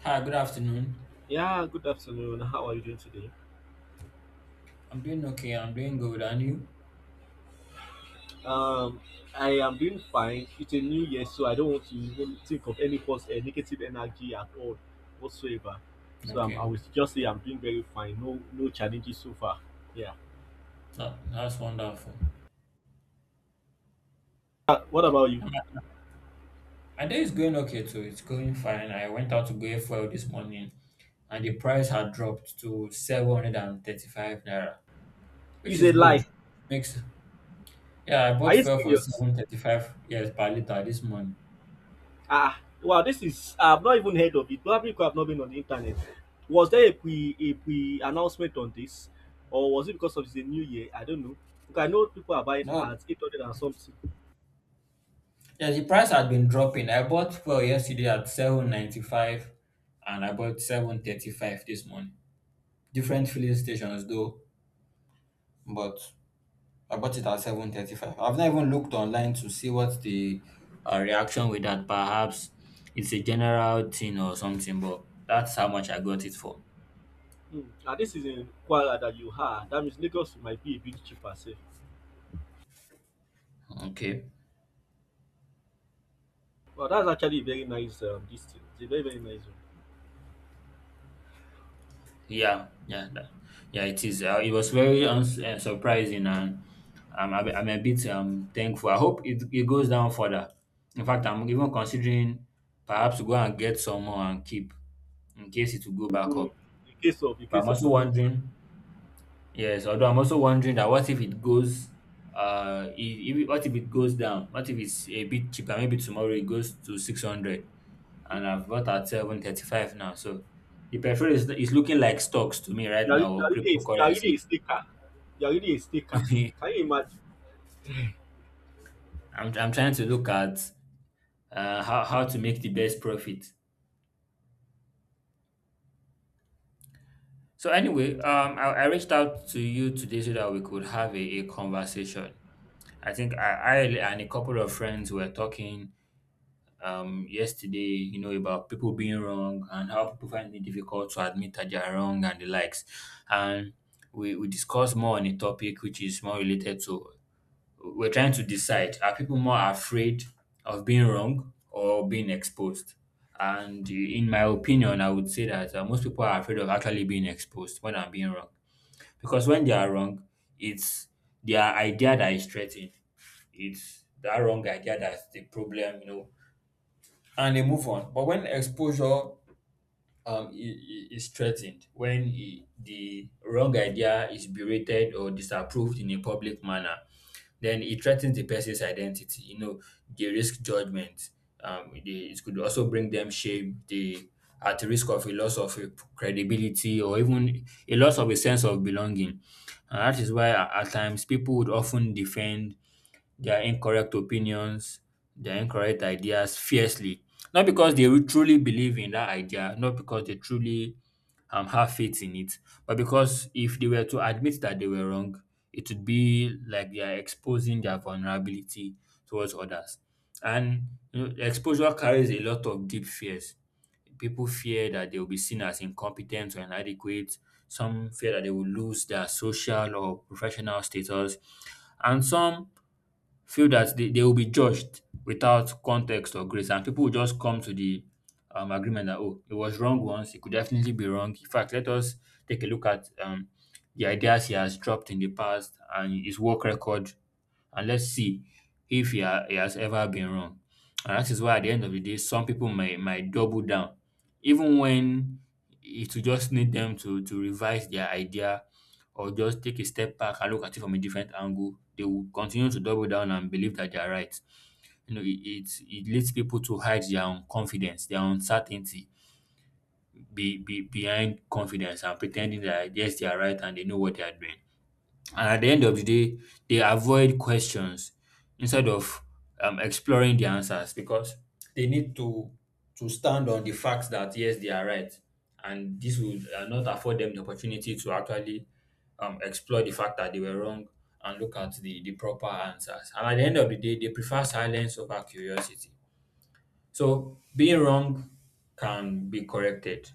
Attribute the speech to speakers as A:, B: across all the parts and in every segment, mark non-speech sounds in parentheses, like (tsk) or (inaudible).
A: Hi, good afternoon.
B: Yeah, good afternoon. How are you doing today?
A: I'm doing okay. I'm doing good. And you?
B: Um, I am doing fine. It's a new year, so I don't want to even think of any negative energy at all whatsoever. So I
A: Okay.
B: will just say I'm doing very fine. No, no challenges so far. Yeah.
A: That's wonderful.
B: What about you?
A: And My, my day is going okay too. It's going fine. I went out to go fuel this morning and the price had dropped to 735 naira, which
B: It's
A: is
B: a
A: good.
B: lie.
A: Makes yeah, I
B: Are
A: bought
B: you
A: fuel for
B: serious?
A: 735, yes, per liter this morning.
B: Wow. This is I've not even heard of it. Probably because I've not been on the internet. Was there a pre announcement on this, or was it because of the new year? I don't know. Because I know people are buying
A: No.
B: at 800 and something.
A: Yeah, the price had been dropping. I bought fuel yesterday at 795 and I bought 735 this morning. Different filling stations though, but I bought it at 735. I've not even looked online to see what the reaction with that. Perhaps it's a general thing or something, but that's how much I got it for.
B: Mm. And this is in Kwara that you have. That means Lagos might be a bit cheaper, safe.
A: Okay.
B: Well, that's actually a very nice this thing. It's a very very nice one.
A: Yeah. Yeah. Yeah. It is. It was very surprising, and I'm a bit thankful. I hope it goes down further. In fact, I'm even considering perhaps to go and get some more and keep in case it will go back up.
B: In
A: But I'm
B: case of
A: also
B: a good,
A: wondering. Yes, although I'm also wondering that what if it goes, I- if, it- what if it goes down? What if it's a bit cheaper? Maybe tomorrow it goes to 600, and I've got at 735 now. So the petrol is looking like stocks to me right
B: you
A: now, or
B: are really you are really
A: cryptocurrency.
B: a sticker. You are really a sticker.
A: (laughs)
B: Can you imagine?
A: I'm trying to look at how to make the best profit. So anyway, I reached out to you today so that we could have a conversation. I think I and a couple of friends were talking yesterday, you know, about people being wrong and how people find it difficult to admit that they are wrong and the likes. And we discussed more on a topic which is more related to we're trying to decide, are people more afraid of being wrong or being exposed? And in my opinion, I would say that most people are afraid of actually being exposed when I'm being wrong. Because when they are wrong, it's their idea that is threatened, it's that wrong idea that's the problem, you know, and they move on. But when exposure is threatened, when the wrong idea is berated or disapproved in a public manner, then it threatens the person's identity. You know, they risk judgment. It could also bring them shame. They at risk of a loss of a credibility or even a loss of a sense of belonging. And that is why at times people would often defend their incorrect opinions, their incorrect ideas fiercely. Not because they will truly believe in that idea, not because they truly have faith in it, but because if they were to admit that they were wrong, it would be like they are exposing their vulnerability towards others. And you know, exposure carries a lot of deep fears. People fear that they will be seen as incompetent or inadequate. Some fear that they will lose their social or professional status. And some feel that they will be judged without context or grace. And people will just come to the agreement that, oh, it was wrong once, it could definitely be wrong. In fact, let us take a look at the ideas he has dropped in the past and his work record, and let's see if he has ever been wrong. And that is why at the end of the day, some people might double down, even when it will just need them to revise their idea or just take a step back and look at it from a different angle. They will continue to double down and believe that they are right. You know, it leads people to hide their own confidence, their uncertainty be behind confidence and pretending that yes, they are right and they know what they are doing. And at the end of the day, they avoid questions instead of exploring the answers, because they need to stand on the facts that yes, they are right, and this would not afford them the opportunity to actually explore the fact that they were wrong and look at the proper answers. And at the end of the day, they prefer silence over curiosity. So being wrong can be corrected,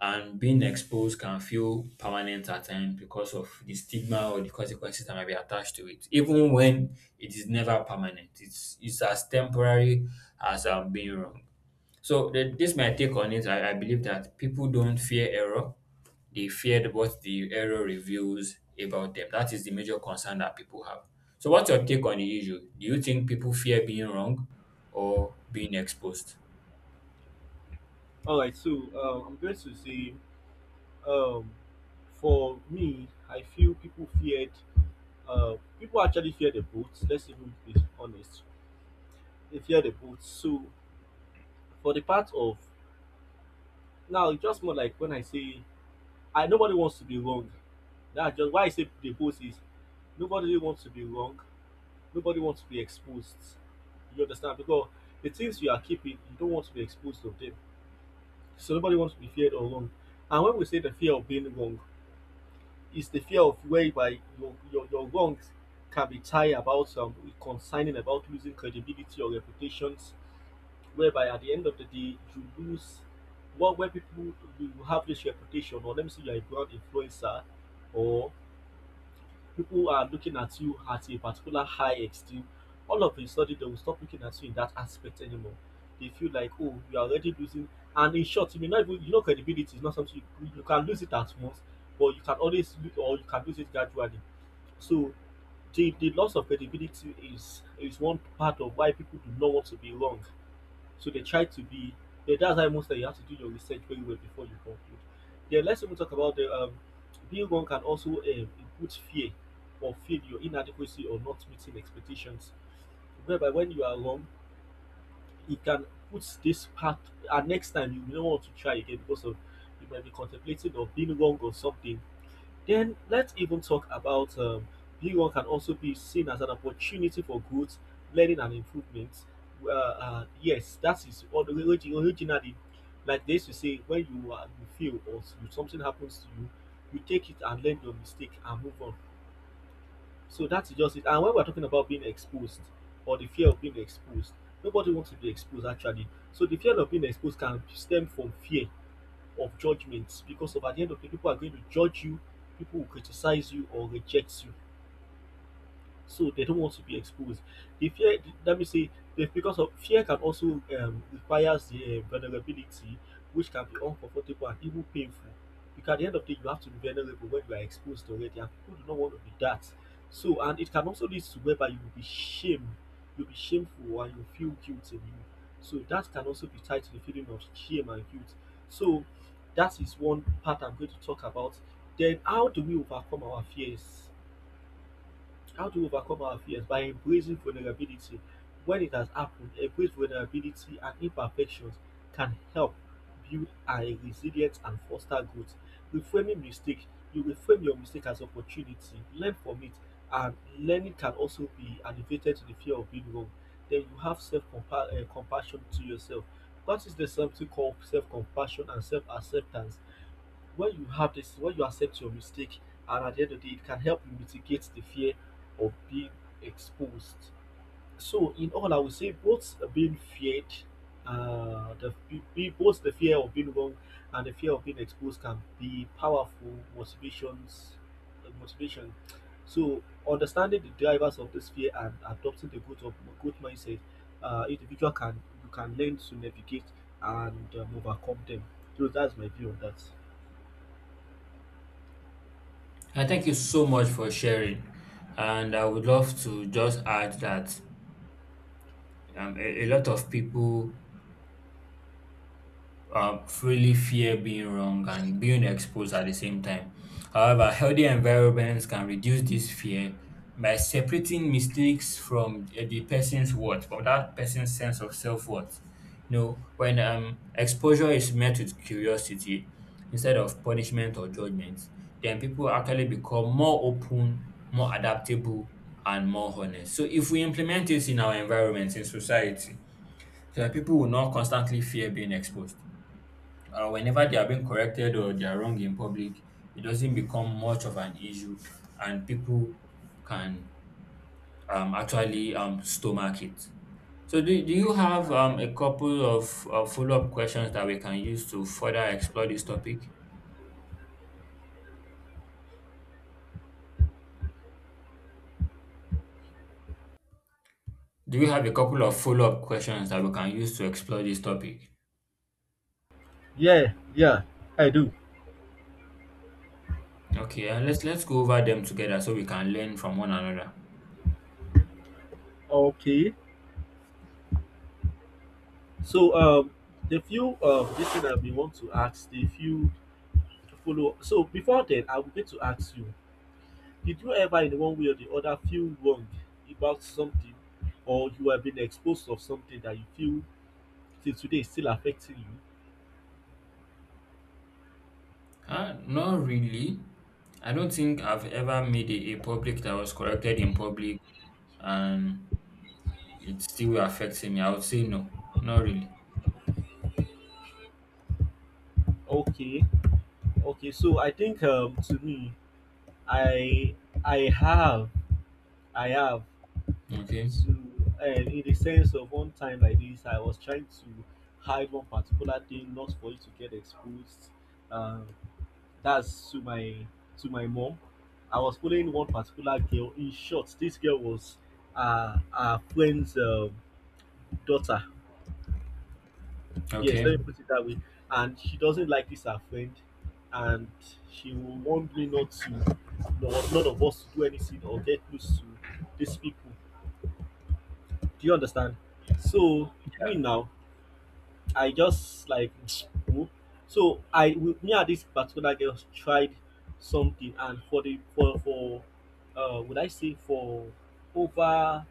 A: and being exposed can feel permanent at times because of the stigma or the consequences that might be attached to it, even when it is never permanent. It's as temporary as being wrong. So this my take on it, I believe that people don't fear error, they feared what the error reveals about them. That is the major concern that people have. So what's your take on the issue? Do you think people fear being wrong or being exposed?
B: All right, so I'm going to say um, for me, I feel people feared. People actually fear the boats. Let's even be honest. They fear the boats. So for the part of now, it's just more like when I say I nobody wants to be wrong. That's just why I say the post is nobody really wants to be wrong. Nobody wants to be exposed. You understand? Because the things you are keeping, you don't want to be exposed of them. So nobody wants to be feared or wrong. And when we say the fear of being wrong, it's the fear of whereby your wrongs can be tied about concerning about losing credibility or reputations, whereby at the end of the day you lose what where people you have this reputation or let me say you're a brand influencer or people are looking at you at a particular high esteem, all of a sudden they will stop looking at you in that aspect anymore. They feel like, oh, you are already losing. And in short, you may not even, you know, credibility is not something you can lose it at once, but you can always lose, or you can lose it gradually. So the loss of credibility is one part of why people do not want to be wrong. So they try to be. Yeah, that's why most that you have to do your research very well before you conclude. Then let's even talk about the being wrong can also include fear or feel your inadequacy or not meeting expectations. Whereby when you are wrong, it can put this path. And next time you don't want to try again because of you might be contemplating of being wrong or something. Then let's even talk about B1 can also be seen as an opportunity for growth, learning, and improvement. Yes, that is all originally, like this. You to say, when you you feel or something happens to you, you take it and learn your mistake and move on. So that's just it. And when we're talking about being exposed or the fear of being exposed, nobody wants to be exposed actually. So the fear of being exposed can stem from fear of judgments, because at the end of the day, people are going to judge you, people will criticize you or reject you, so they don't want to be exposed. The fear, let me say, because of fear can also requires the vulnerability, which can be uncomfortable and even painful. Because at the end of the day, you have to be vulnerable when you are exposed already, and people do not want to be that. So, and it can also lead to whereby you will be shamed, you'll be shameful, and you feel guilty. So that can also be tied to the feeling of shame and guilt. So that is one part I'm going to talk about. Then, how do we overcome our fears? How to overcome our fears by embracing vulnerability. When it has happened, embrace vulnerability and imperfections can help build a resilience and foster growth. Reframing mistake, you reframe your mistake as opportunity, learn from it, and learning can also be elevated to the fear of being wrong. Then you have self compassion to yourself. Practice the something called self compassion and self acceptance when you have this when you accept your mistake, and at the end of the day it can help you mitigate the fear of being exposed. So in all I would say both being feared both the fear of being wrong and the fear of being exposed can be powerful motivations, motivation. So understanding the drivers of this fear and adopting the growth of growth mindset, individual can you can learn to navigate and overcome them. So that's my view on that.
A: I thank you so much for sharing. And I would love to just add that a lot of people freely fear being wrong and being exposed at the same time. However, healthy environments can reduce this fear by separating mistakes from the person's worth, from that person's sense of self worth. You know, when exposure is met with curiosity instead of punishment or judgment, then people actually become more open, more adaptable, and more honest. So, if we implement this in our environments, in society, then people will not constantly fear being exposed whenever they are being corrected or they are wrong in public, it doesn't become much of an issue, and people can actually stomach it. So, do you have a couple of follow up questions that we can use to further explore this topic? Do you have a couple of follow up questions that we can use to explore this topic?
B: Yeah, yeah, I do.
A: Okay, let's go over them together so we can learn from one another.
B: Okay. So the few this thing that we want to ask, the few follow so before then I'm going to ask you, did you ever in one way or the other feel wrong about something or you have been exposed of something that you feel till today is still affecting you?
A: Not really. I don't think I've ever made a public that was corrected in public, and it still affecting me, I would say no, not really.
B: Okay, okay. So I think to me I I have I have
A: Okay.
B: to in the sense of one time like this I was trying to hide one particular thing not for it to get exposed, um that's to my mom. I was following one particular girl. In short, this girl was our friend's daughter, yes, let
A: Okay.
B: me put it that way. And she doesn't like this her friend, and she will want me not to not, none of us to do anything or get close to these people, do you understand? So me now, I just like (tsk) "Who?" So me and this particular girl tried something, and for the for would I say for over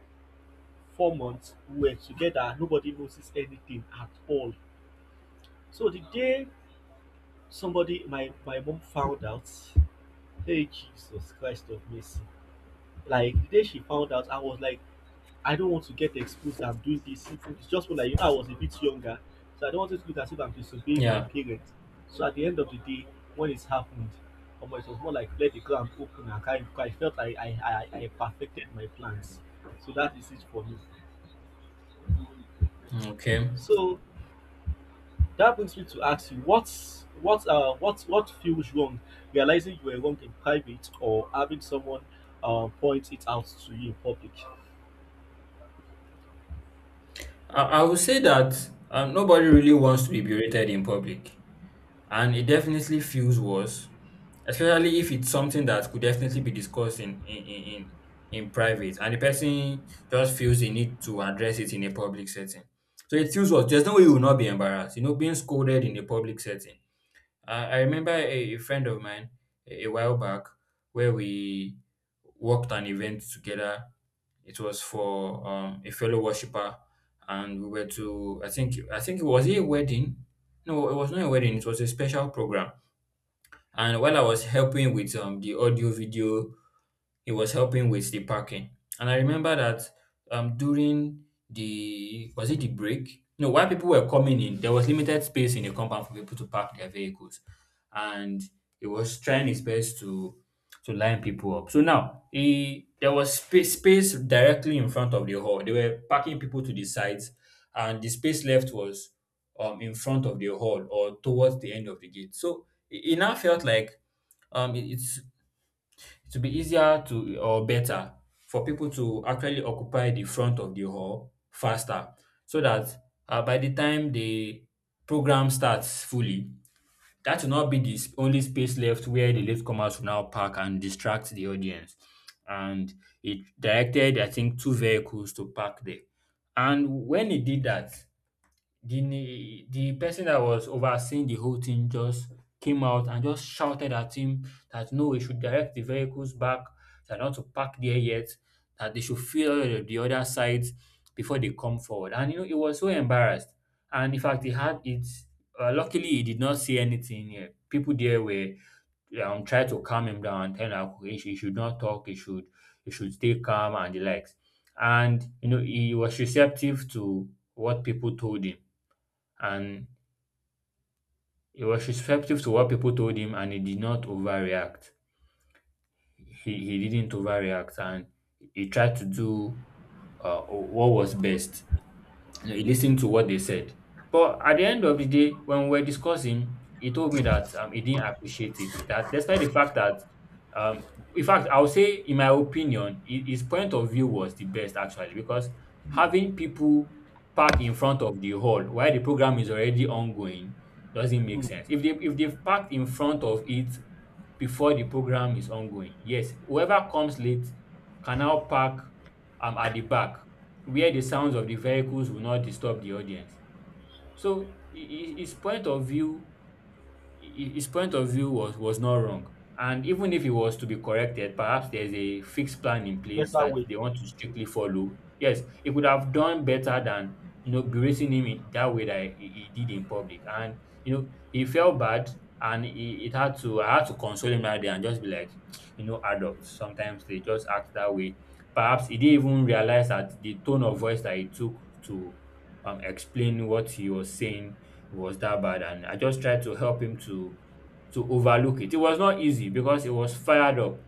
B: 4 months we were together, nobody noticed anything at all. So the day somebody my my mom found out, hey Jesus Christ of mercy. Like the day she found out I was like I don't want to get exposed that I'm doing this. If it's just more like you know, I was a bit younger, so I don't want it to look as if I'm disobeying my
A: Yeah.
B: parents. So at the end of the day, when it's happened, it was more like let the ground open. Like, I felt I perfected my plans. So that is it for me.
A: Okay.
B: So that brings me to ask you what's what feels wrong, realizing you were wrong in private or having someone point it out to you in public.
A: I would say that nobody really wants to be berated in public, and it definitely feels worse, especially if it's something that could definitely be discussed in in private, and the person just feels the need to address it in a public setting. So it feels worse. There's no way you will not be embarrassed. You know, being scolded in a public setting, I remember a friend of mine a while back where we worked an event together. It was for a fellow worshipper, and we were to I think it was it a wedding. No, it was not a wedding. It was a special program. And while I was helping with the audio video, he was helping with the parking. And I remember that during the, was it the break? No, while people were coming in, there was limited space in the compound for people to park their vehicles, and he was trying his best to line people up. So now he, there was space directly in front of the hall. They were parking people to the sides, and the space left was in front of the hall or towards the end of the gate. So it now felt like it's it will be easier to or better for people to actually occupy the front of the hall faster so that by the time the program starts fully, that will not be the only space left, where the latecomers will now park and distract the audience. And it directed, I think, two vehicles to park there. And when it did that, the the person that was overseeing the whole thing just came out and just shouted at him that no, we should direct the vehicles back, they're not to park there yet, that they should fill the other sides before they come forward. And you know, he was so embarrassed. And in fact, he had it. Luckily, he did not see anything. Yeah. People there were try to calm him down and tell him that he should not talk, he should stay calm and the likes. And you know, he was receptive to what people told him and he was receptive to what people told him and he did not overreact. He didn't overreact and he tried to do what was best. He listened to what they said. But at the end of the day, when we were discussing, he told me that he didn't appreciate it. That despite the fact that, um, in fact, I would say, in my opinion, his point of view was the best actually because
B: Mm,
A: having people park in front of the hall while the program is already ongoing doesn't make
B: mm,
A: sense. If they've parked in front of it before the program is ongoing, yes, whoever comes late can now park at the back where the sounds of the vehicles will not disturb the audience. So his point of view his point of view was not wrong. And even if it was to be corrected, perhaps there's a fixed plan in place
B: better
A: that
B: way.
A: they want to strictly follow. Yes, he could have done better than berating him in that way that he did in public. And he felt bad, and he, it had to I had to console him that day and just be like, you know, adults sometimes they just act that way. Perhaps he didn't even realize that the tone of voice that he took to explain what he was saying was that bad, and I just tried to help him to overlook it. It was not easy because he was fired up.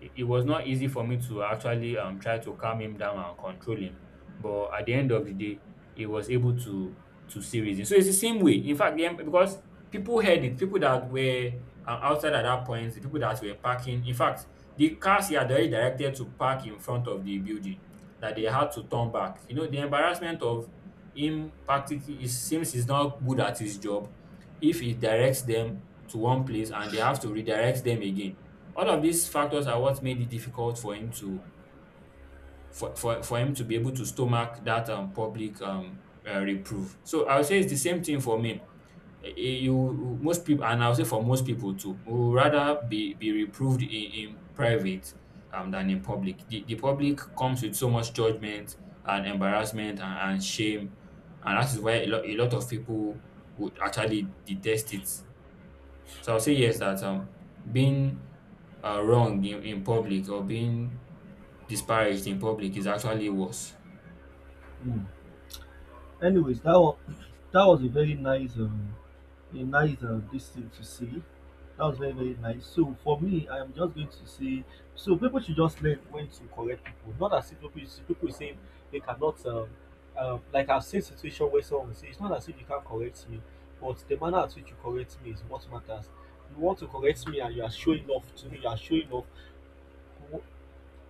A: It was not easy for me to actually try to calm him down and control him. But at the end of the day, he was able to see reason. So it's the same way. In fact, then because people heard it, people that were outside at that point, the people that were parking. In fact, the cars he had already directed to park in front of the building, that they
B: Mm,
A: had to turn back. You know, the embarrassment of him, practically it seems he's not good at his job if he directs them to one place and they have to redirect them again. All of these factors are what made it difficult for him to be able to stomach that public reproof. So I would say it's the same thing for me. You most people, and I would say for most people too, would rather be reproved in private, than in public. The public comes with so much judgment and embarrassment and shame, and that is why a lot of people would actually detest it. So I'll say yes that being wrong in public or being disparaged in public is actually worse.
B: mm. Anyways, that was a very nice, a nice this thing to see. That was very very nice. So for me, I am just going to say, so people should just learn when to correct people. Not as if people people say they cannot. Like I've seen situation where someone will say it's not as if you can't correct me, but the manner at which you correct me is what matters. You want to correct me and you are showing off to me. You are showing off,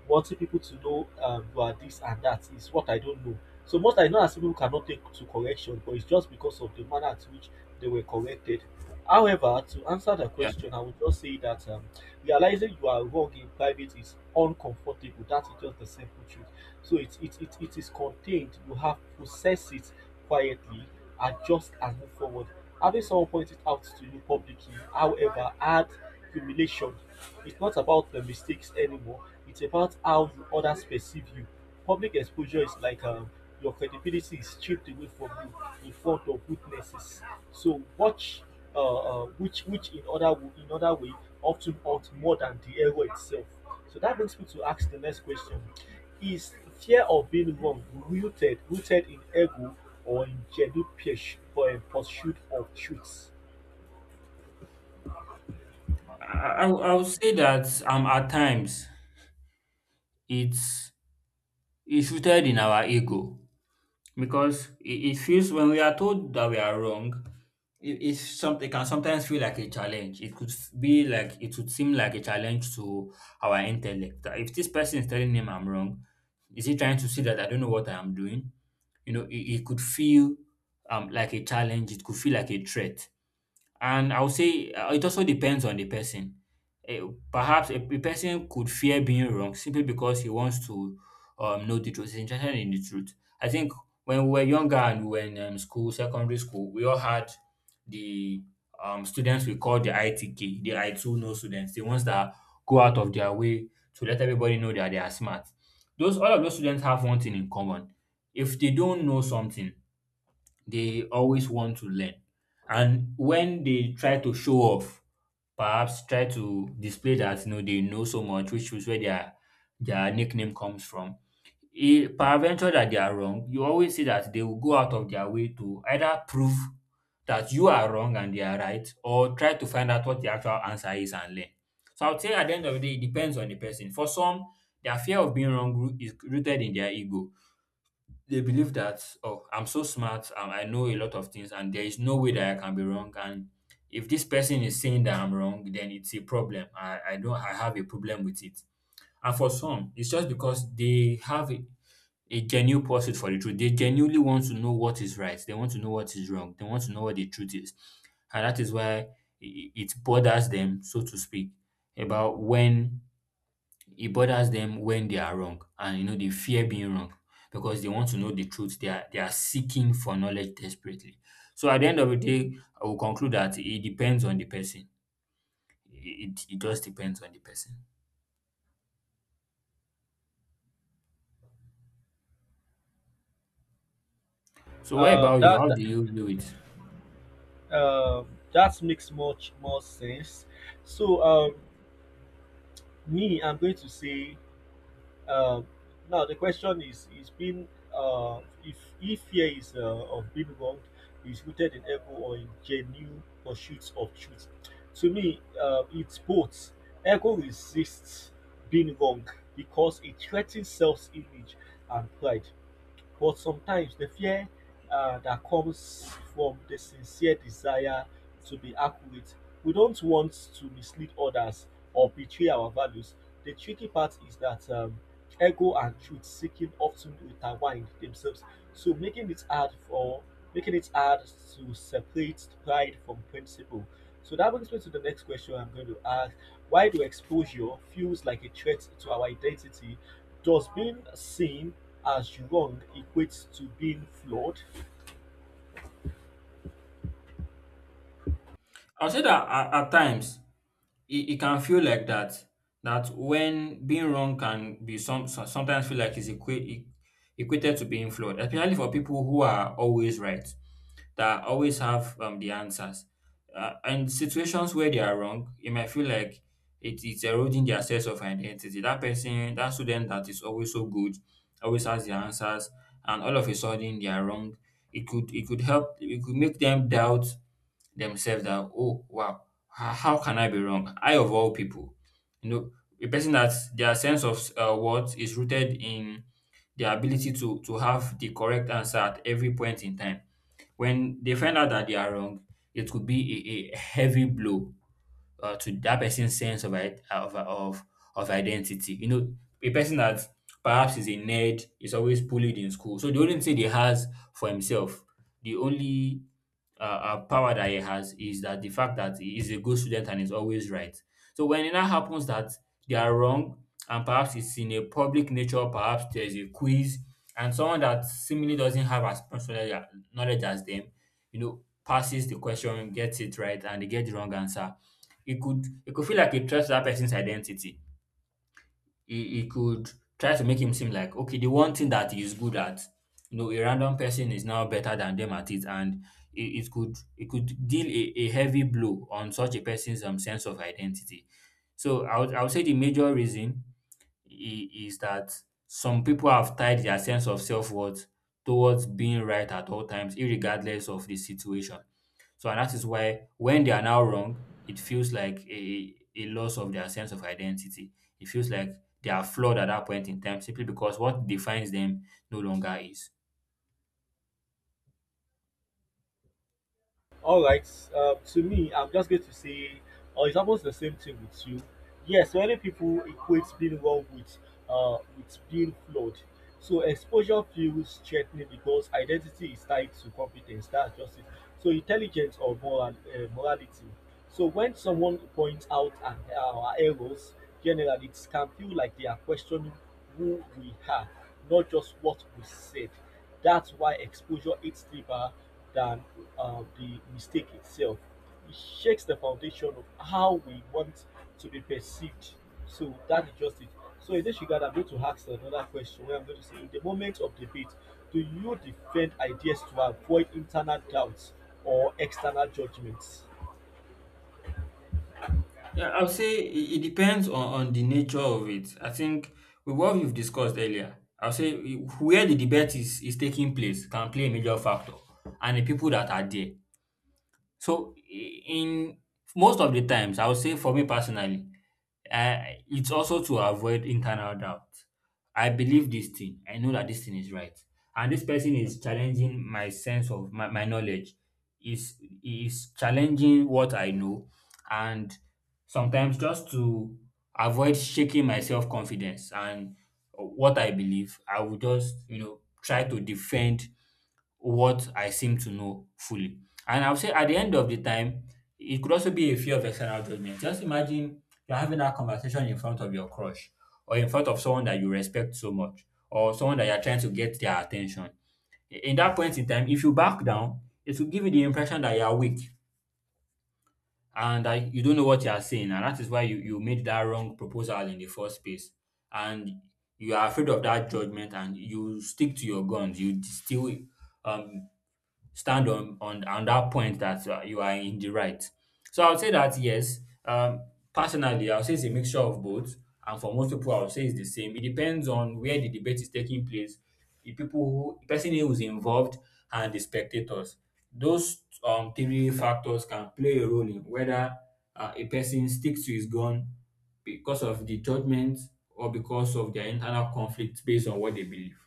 B: wanting people to know you are this and that is what I don't know. So most times, not as people cannot take to correction, but it's just because of the manner at which they were corrected. However, to answer the
A: Yeah,
B: question, I would just say that realizing you are wrong in private is uncomfortable. That is just the simple truth. So it is contained. You have to process it quietly, adjust and move forward. Having someone point it out to you publicly, however, add humiliation. It's not about the mistakes anymore. It's about how you others perceive you. Public exposure is like your credibility is stripped away from you in front of witnesses. So watch, which in other way often hurt more than the error itself. So that brings me to ask the next question: Is fear of being wrong rooted in ego or in jealousy for a pursuit of truth?
A: I would say that at times it's rooted in our ego because it feels when we are told that we are wrong, it's something. It can sometimes feel like a challenge. It could f- be like it would seem like a challenge to our intellect. That if this person is telling him I'm wrong, is he trying to see that I don't know what I am doing? You know, it could feel like a challenge. It could feel like a threat. And I'll say it also depends on the person. Eh, perhaps a person could fear being wrong simply because he wants to know the truth. He's interested in the truth. I think when we were younger and we were in school, secondary school, we all had the students we call the ITK, the I two no students, the ones that go out of their way to let everybody know that they are smart. Those, all of those students have one thing in common. If they don't know something, they always want to learn. And when they try to show off, perhaps try to display that you know they know so much, which is where their nickname comes from. E peradventure that they are wrong, you always see that they will go out of their way to either prove that you are wrong and they are right, or try to find out what the actual answer is and learn. So I would say at the end of the day, it depends on the person. For some, their fear of being wrong is rooted in their ego. They believe that, oh, I'm so smart, I know a lot of things and there is no way that I can be wrong. And if this person is saying that I'm wrong, then it's a problem. I don't, I have a problem with it. And for some it's just because they have a genuine pursuit for the truth. They genuinely want to know what is right, they want to know what is wrong, they want to know what the truth is. And that is why it bothers them, so to speak, about when it bothers them when they are wrong, and you know they fear being wrong because they want to know the truth. They are seeking for knowledge desperately. So at the end of the day, I will conclude that it depends on the person. It just depends on the person. So what
B: Uh,
A: about you?
B: that
A: How do
B: that,
A: you do it?
B: that makes much more sense. So me, I'm going to say Uh, now the question is being if fear is of being wronged is rooted in ego or in genuine pursuits of truth? To me, it's both. Ego resists being wrong because it threatens self-image and pride, but sometimes the fear that comes from the sincere desire to be accurate, we don't want to mislead others or betray our values. The tricky part is that ego and truth seeking often intertwine themselves, so making it hard to separate pride from principle. So that brings me to the next question I'm going to ask. Why do exposure feels like a threat to our identity? Does being seen as wrong equate to being flawed?
A: I'll say that at times it can feel like that. That when being wrong can be sometimes feel like it's equated to being flawed, especially for people who are always right, that always have the answers. And situations where they are wrong, it might feel like it is eroding their sense of identity. That person, that student that is always so good, always has the answers, and all of a sudden they are wrong. It could make them doubt themselves. That, oh wow, how can I be wrong? I, of all people, you know, a person that their sense of worth is rooted in their ability to have the correct answer at every point in time, when they find out that they are wrong, it could be a heavy blow to that person's sense of, of identity. You know, a person that perhaps is a nerd is always bullied in school. So the only thing he has for himself, the only power that he has is that the fact that he is a good student and is always right. So when it now happens that they are wrong, and perhaps it's in a public nature, perhaps there's a quiz, and someone that seemingly doesn't have as much knowledge as them, you know, passes the question, gets it right, and they get the wrong answer. It could feel like it threat that person's identity. It could try to make him seem like, okay, the one thing that he's good at, you know, a random person is now better than them at it, and it could deal a heavy blow on such a person's sense of identity. So I would say the major reason is that some people have tied their sense of self worth towards being right at all times, irregardless of the situation. So, and that is why when they are now wrong, it feels like a loss of their sense of identity. It feels like they are flawed at that point in time simply because what defines them no longer is.
B: All right. To me, I'm just going to say, it's almost the same thing with you. Yes, many people equate being wrong with being flawed. So exposure feels threatening because identity is tied to competence. That's just it. So intelligence or moral morality. So when someone points out our errors, generally it can feel like they are questioning who we are, not just what we said. That's why exposure hits deeper than the mistake itself. It shakes the foundation of how we want to be perceived. So that is just it. So in this regard, I'm going to ask another question where I'm going to say, in the moment of debate, do you defend ideas to avoid internal doubts or external judgments?
A: Yeah, I would say it depends on the nature of it. I think with what we've discussed earlier, I would say where the debate is taking place can play a major factor, and the people that are there. So in most of the times, I would say for me personally, uh, it's also to avoid internal doubt. I believe this thing. I know that this thing is right, and this person is challenging my sense of my knowledge. Is is challenging what I know, and sometimes just to avoid shaking my self-confidence and what I believe, I will just, you know, try to defend what I seem to know fully. And I would say at the end of the time, it could also be a fear of external judgment. Just imagine you're having that conversation in front of your crush, or in front of someone that you respect so much, or someone that you're trying to get their attention. In that point in time, if you back down, it will give you the impression that you are weak and you don't know what you are saying, and that is why you made that wrong proposal in the first place, and you are afraid of that judgment, and you stick to your guns. You still um stand on that point that you are in the right. So I would say that yes, personally, I would say it's a mixture of both, and for most people, I would say it's the same. It depends on where the debate is taking place, the person who is involved, and the spectators. Those three factors can play a role in whether a person sticks to his gun, because of the judgment or because of their internal conflict based on what they believe.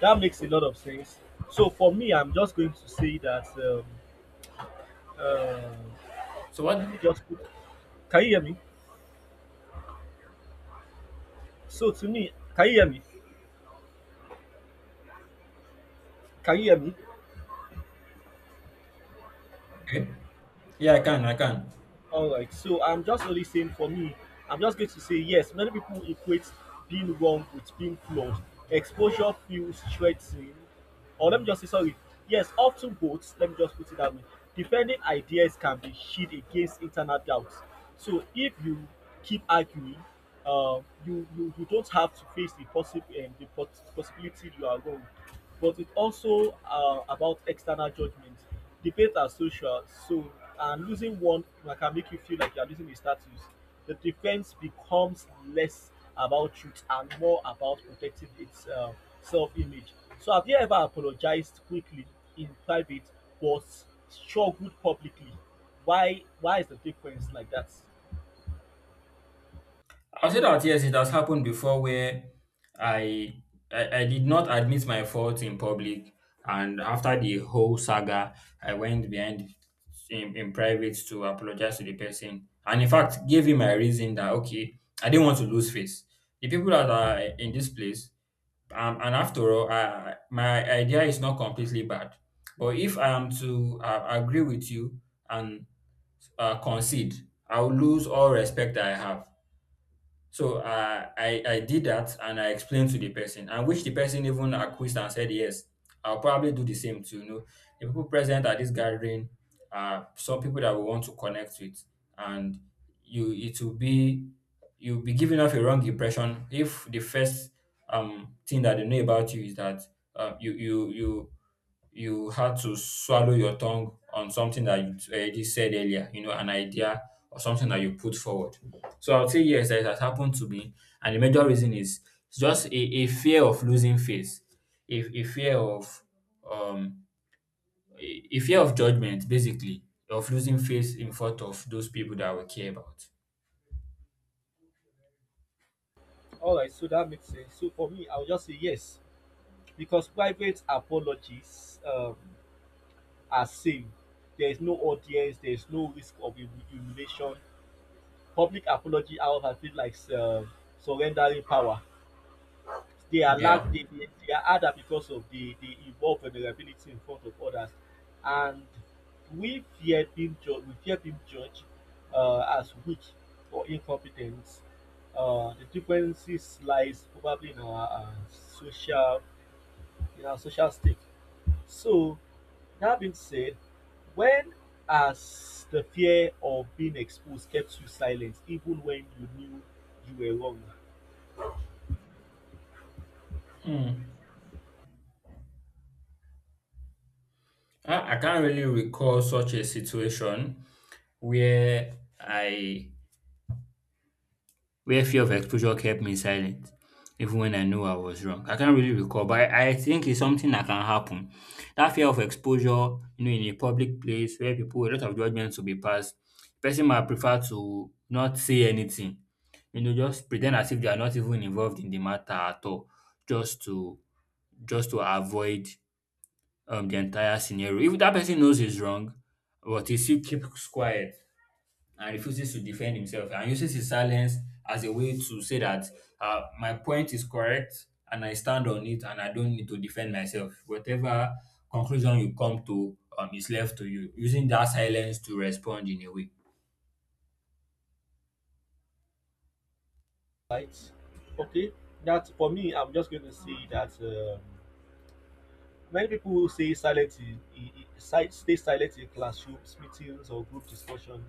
B: That makes a lot of sense. So for me, I'm just going to say that. Uh,
A: So
B: let me
A: what?
B: just put. Can you hear me? So to me, can you hear me? Can you hear me?
A: Okay. Yeah, I can. I can.
B: All right. So I'm just only saying for me, I'm just going to say yes. Many people equate being wrong with being flawed. Exposure feels threatening. Or let me just say sorry. Yes, often both. Let me just put it that way. Defending ideas can be shield against internal doubts. So if you keep arguing, you don't have to face the possible possibility you are wrong. But it also about external judgment. The Debates are social, so and losing one can make you feel like you're losing your status. The defense becomes less about truth and more about protecting its self-image. So, have you ever apologized quickly in private but struggled publicly? Why? Why is the difference like that?
A: I'll say that yes, it has happened before where I, I did not admit my fault in public, and after the whole saga, I went behind in private to apologize to the person, and in fact gave him my reason that, okay, I didn't want to lose face. The people that are in this place, and after all, my idea is not completely bad. But if I am to agree with you and concede, I will lose all respect that I have. So I did that and I explained to the person, and which the person even acquiesced and said yes. I'll probably do the same too. You know, the people present at this gathering are some people that we want to connect with, and you it will be you'll be giving off a wrong impression if the first thing that they know about you is that you you had to swallow your tongue on something that you already said earlier, you know, an idea or something that you put forward. So I would say yes, that has happened to me. And the major reason is just a fear of losing face, a fear of um a fear of judgment, basically, of losing face in front of those people that we care about.
B: All right, so that makes sense. So for me, I would just say yes because private apologies are safe. There is no audience. There is no risk of humiliation. Public apology out I feel like surrendering power. They are lack
A: Yeah.
B: they, they they are harder because of the involved vulnerability in front of others, and we fear being judged. We fear being judged as weak or incompetent. The differences lies probably in our social stake. So, that being said, when has the fear of being exposed kept you silent even when you knew you were wrong?
A: I can't really recall such a situation where I where fear of exposure kept me silent even when I knew I was wrong. I can't really recall, but I think it's something that can happen. That fear of exposure, you know, in a public place where people, a lot of judgments will be passed, person might prefer to not say anything, you know, just pretend as if they are not even involved in the matter at all, just to avoid the entire scenario. If that person knows he's wrong, but he still keeps quiet, and refuses to defend himself and uses his silence as a way to say that, my point is correct and I stand on it and I don't need to defend myself. Whatever conclusion you come to, is left to you, using that silence to respond in a way.
B: Right? Okay, that for me, I'm just going to say that. Many people say silent stay silent in classrooms, meetings, or group discussion.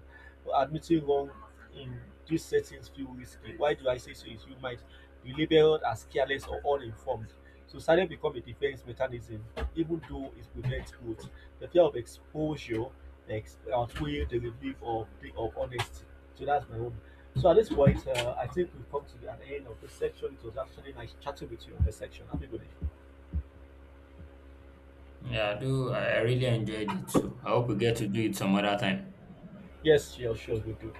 B: But admitting wrong in these settings feel risky. Why do I say so? Is you might be labeled as careless or uninformed. So silence become a defense mechanism, even though it prevents growth. The fear of exposure outweigh the relief of honesty. So that's my own. So at this point, I think we've come to the an end of this section. It was actually nice chatting with you on this section. Happy birthday.
A: Yeah, I do. I really enjoyed it. So I hope we get to do it some other time.
B: Yes, sure, sure, we do.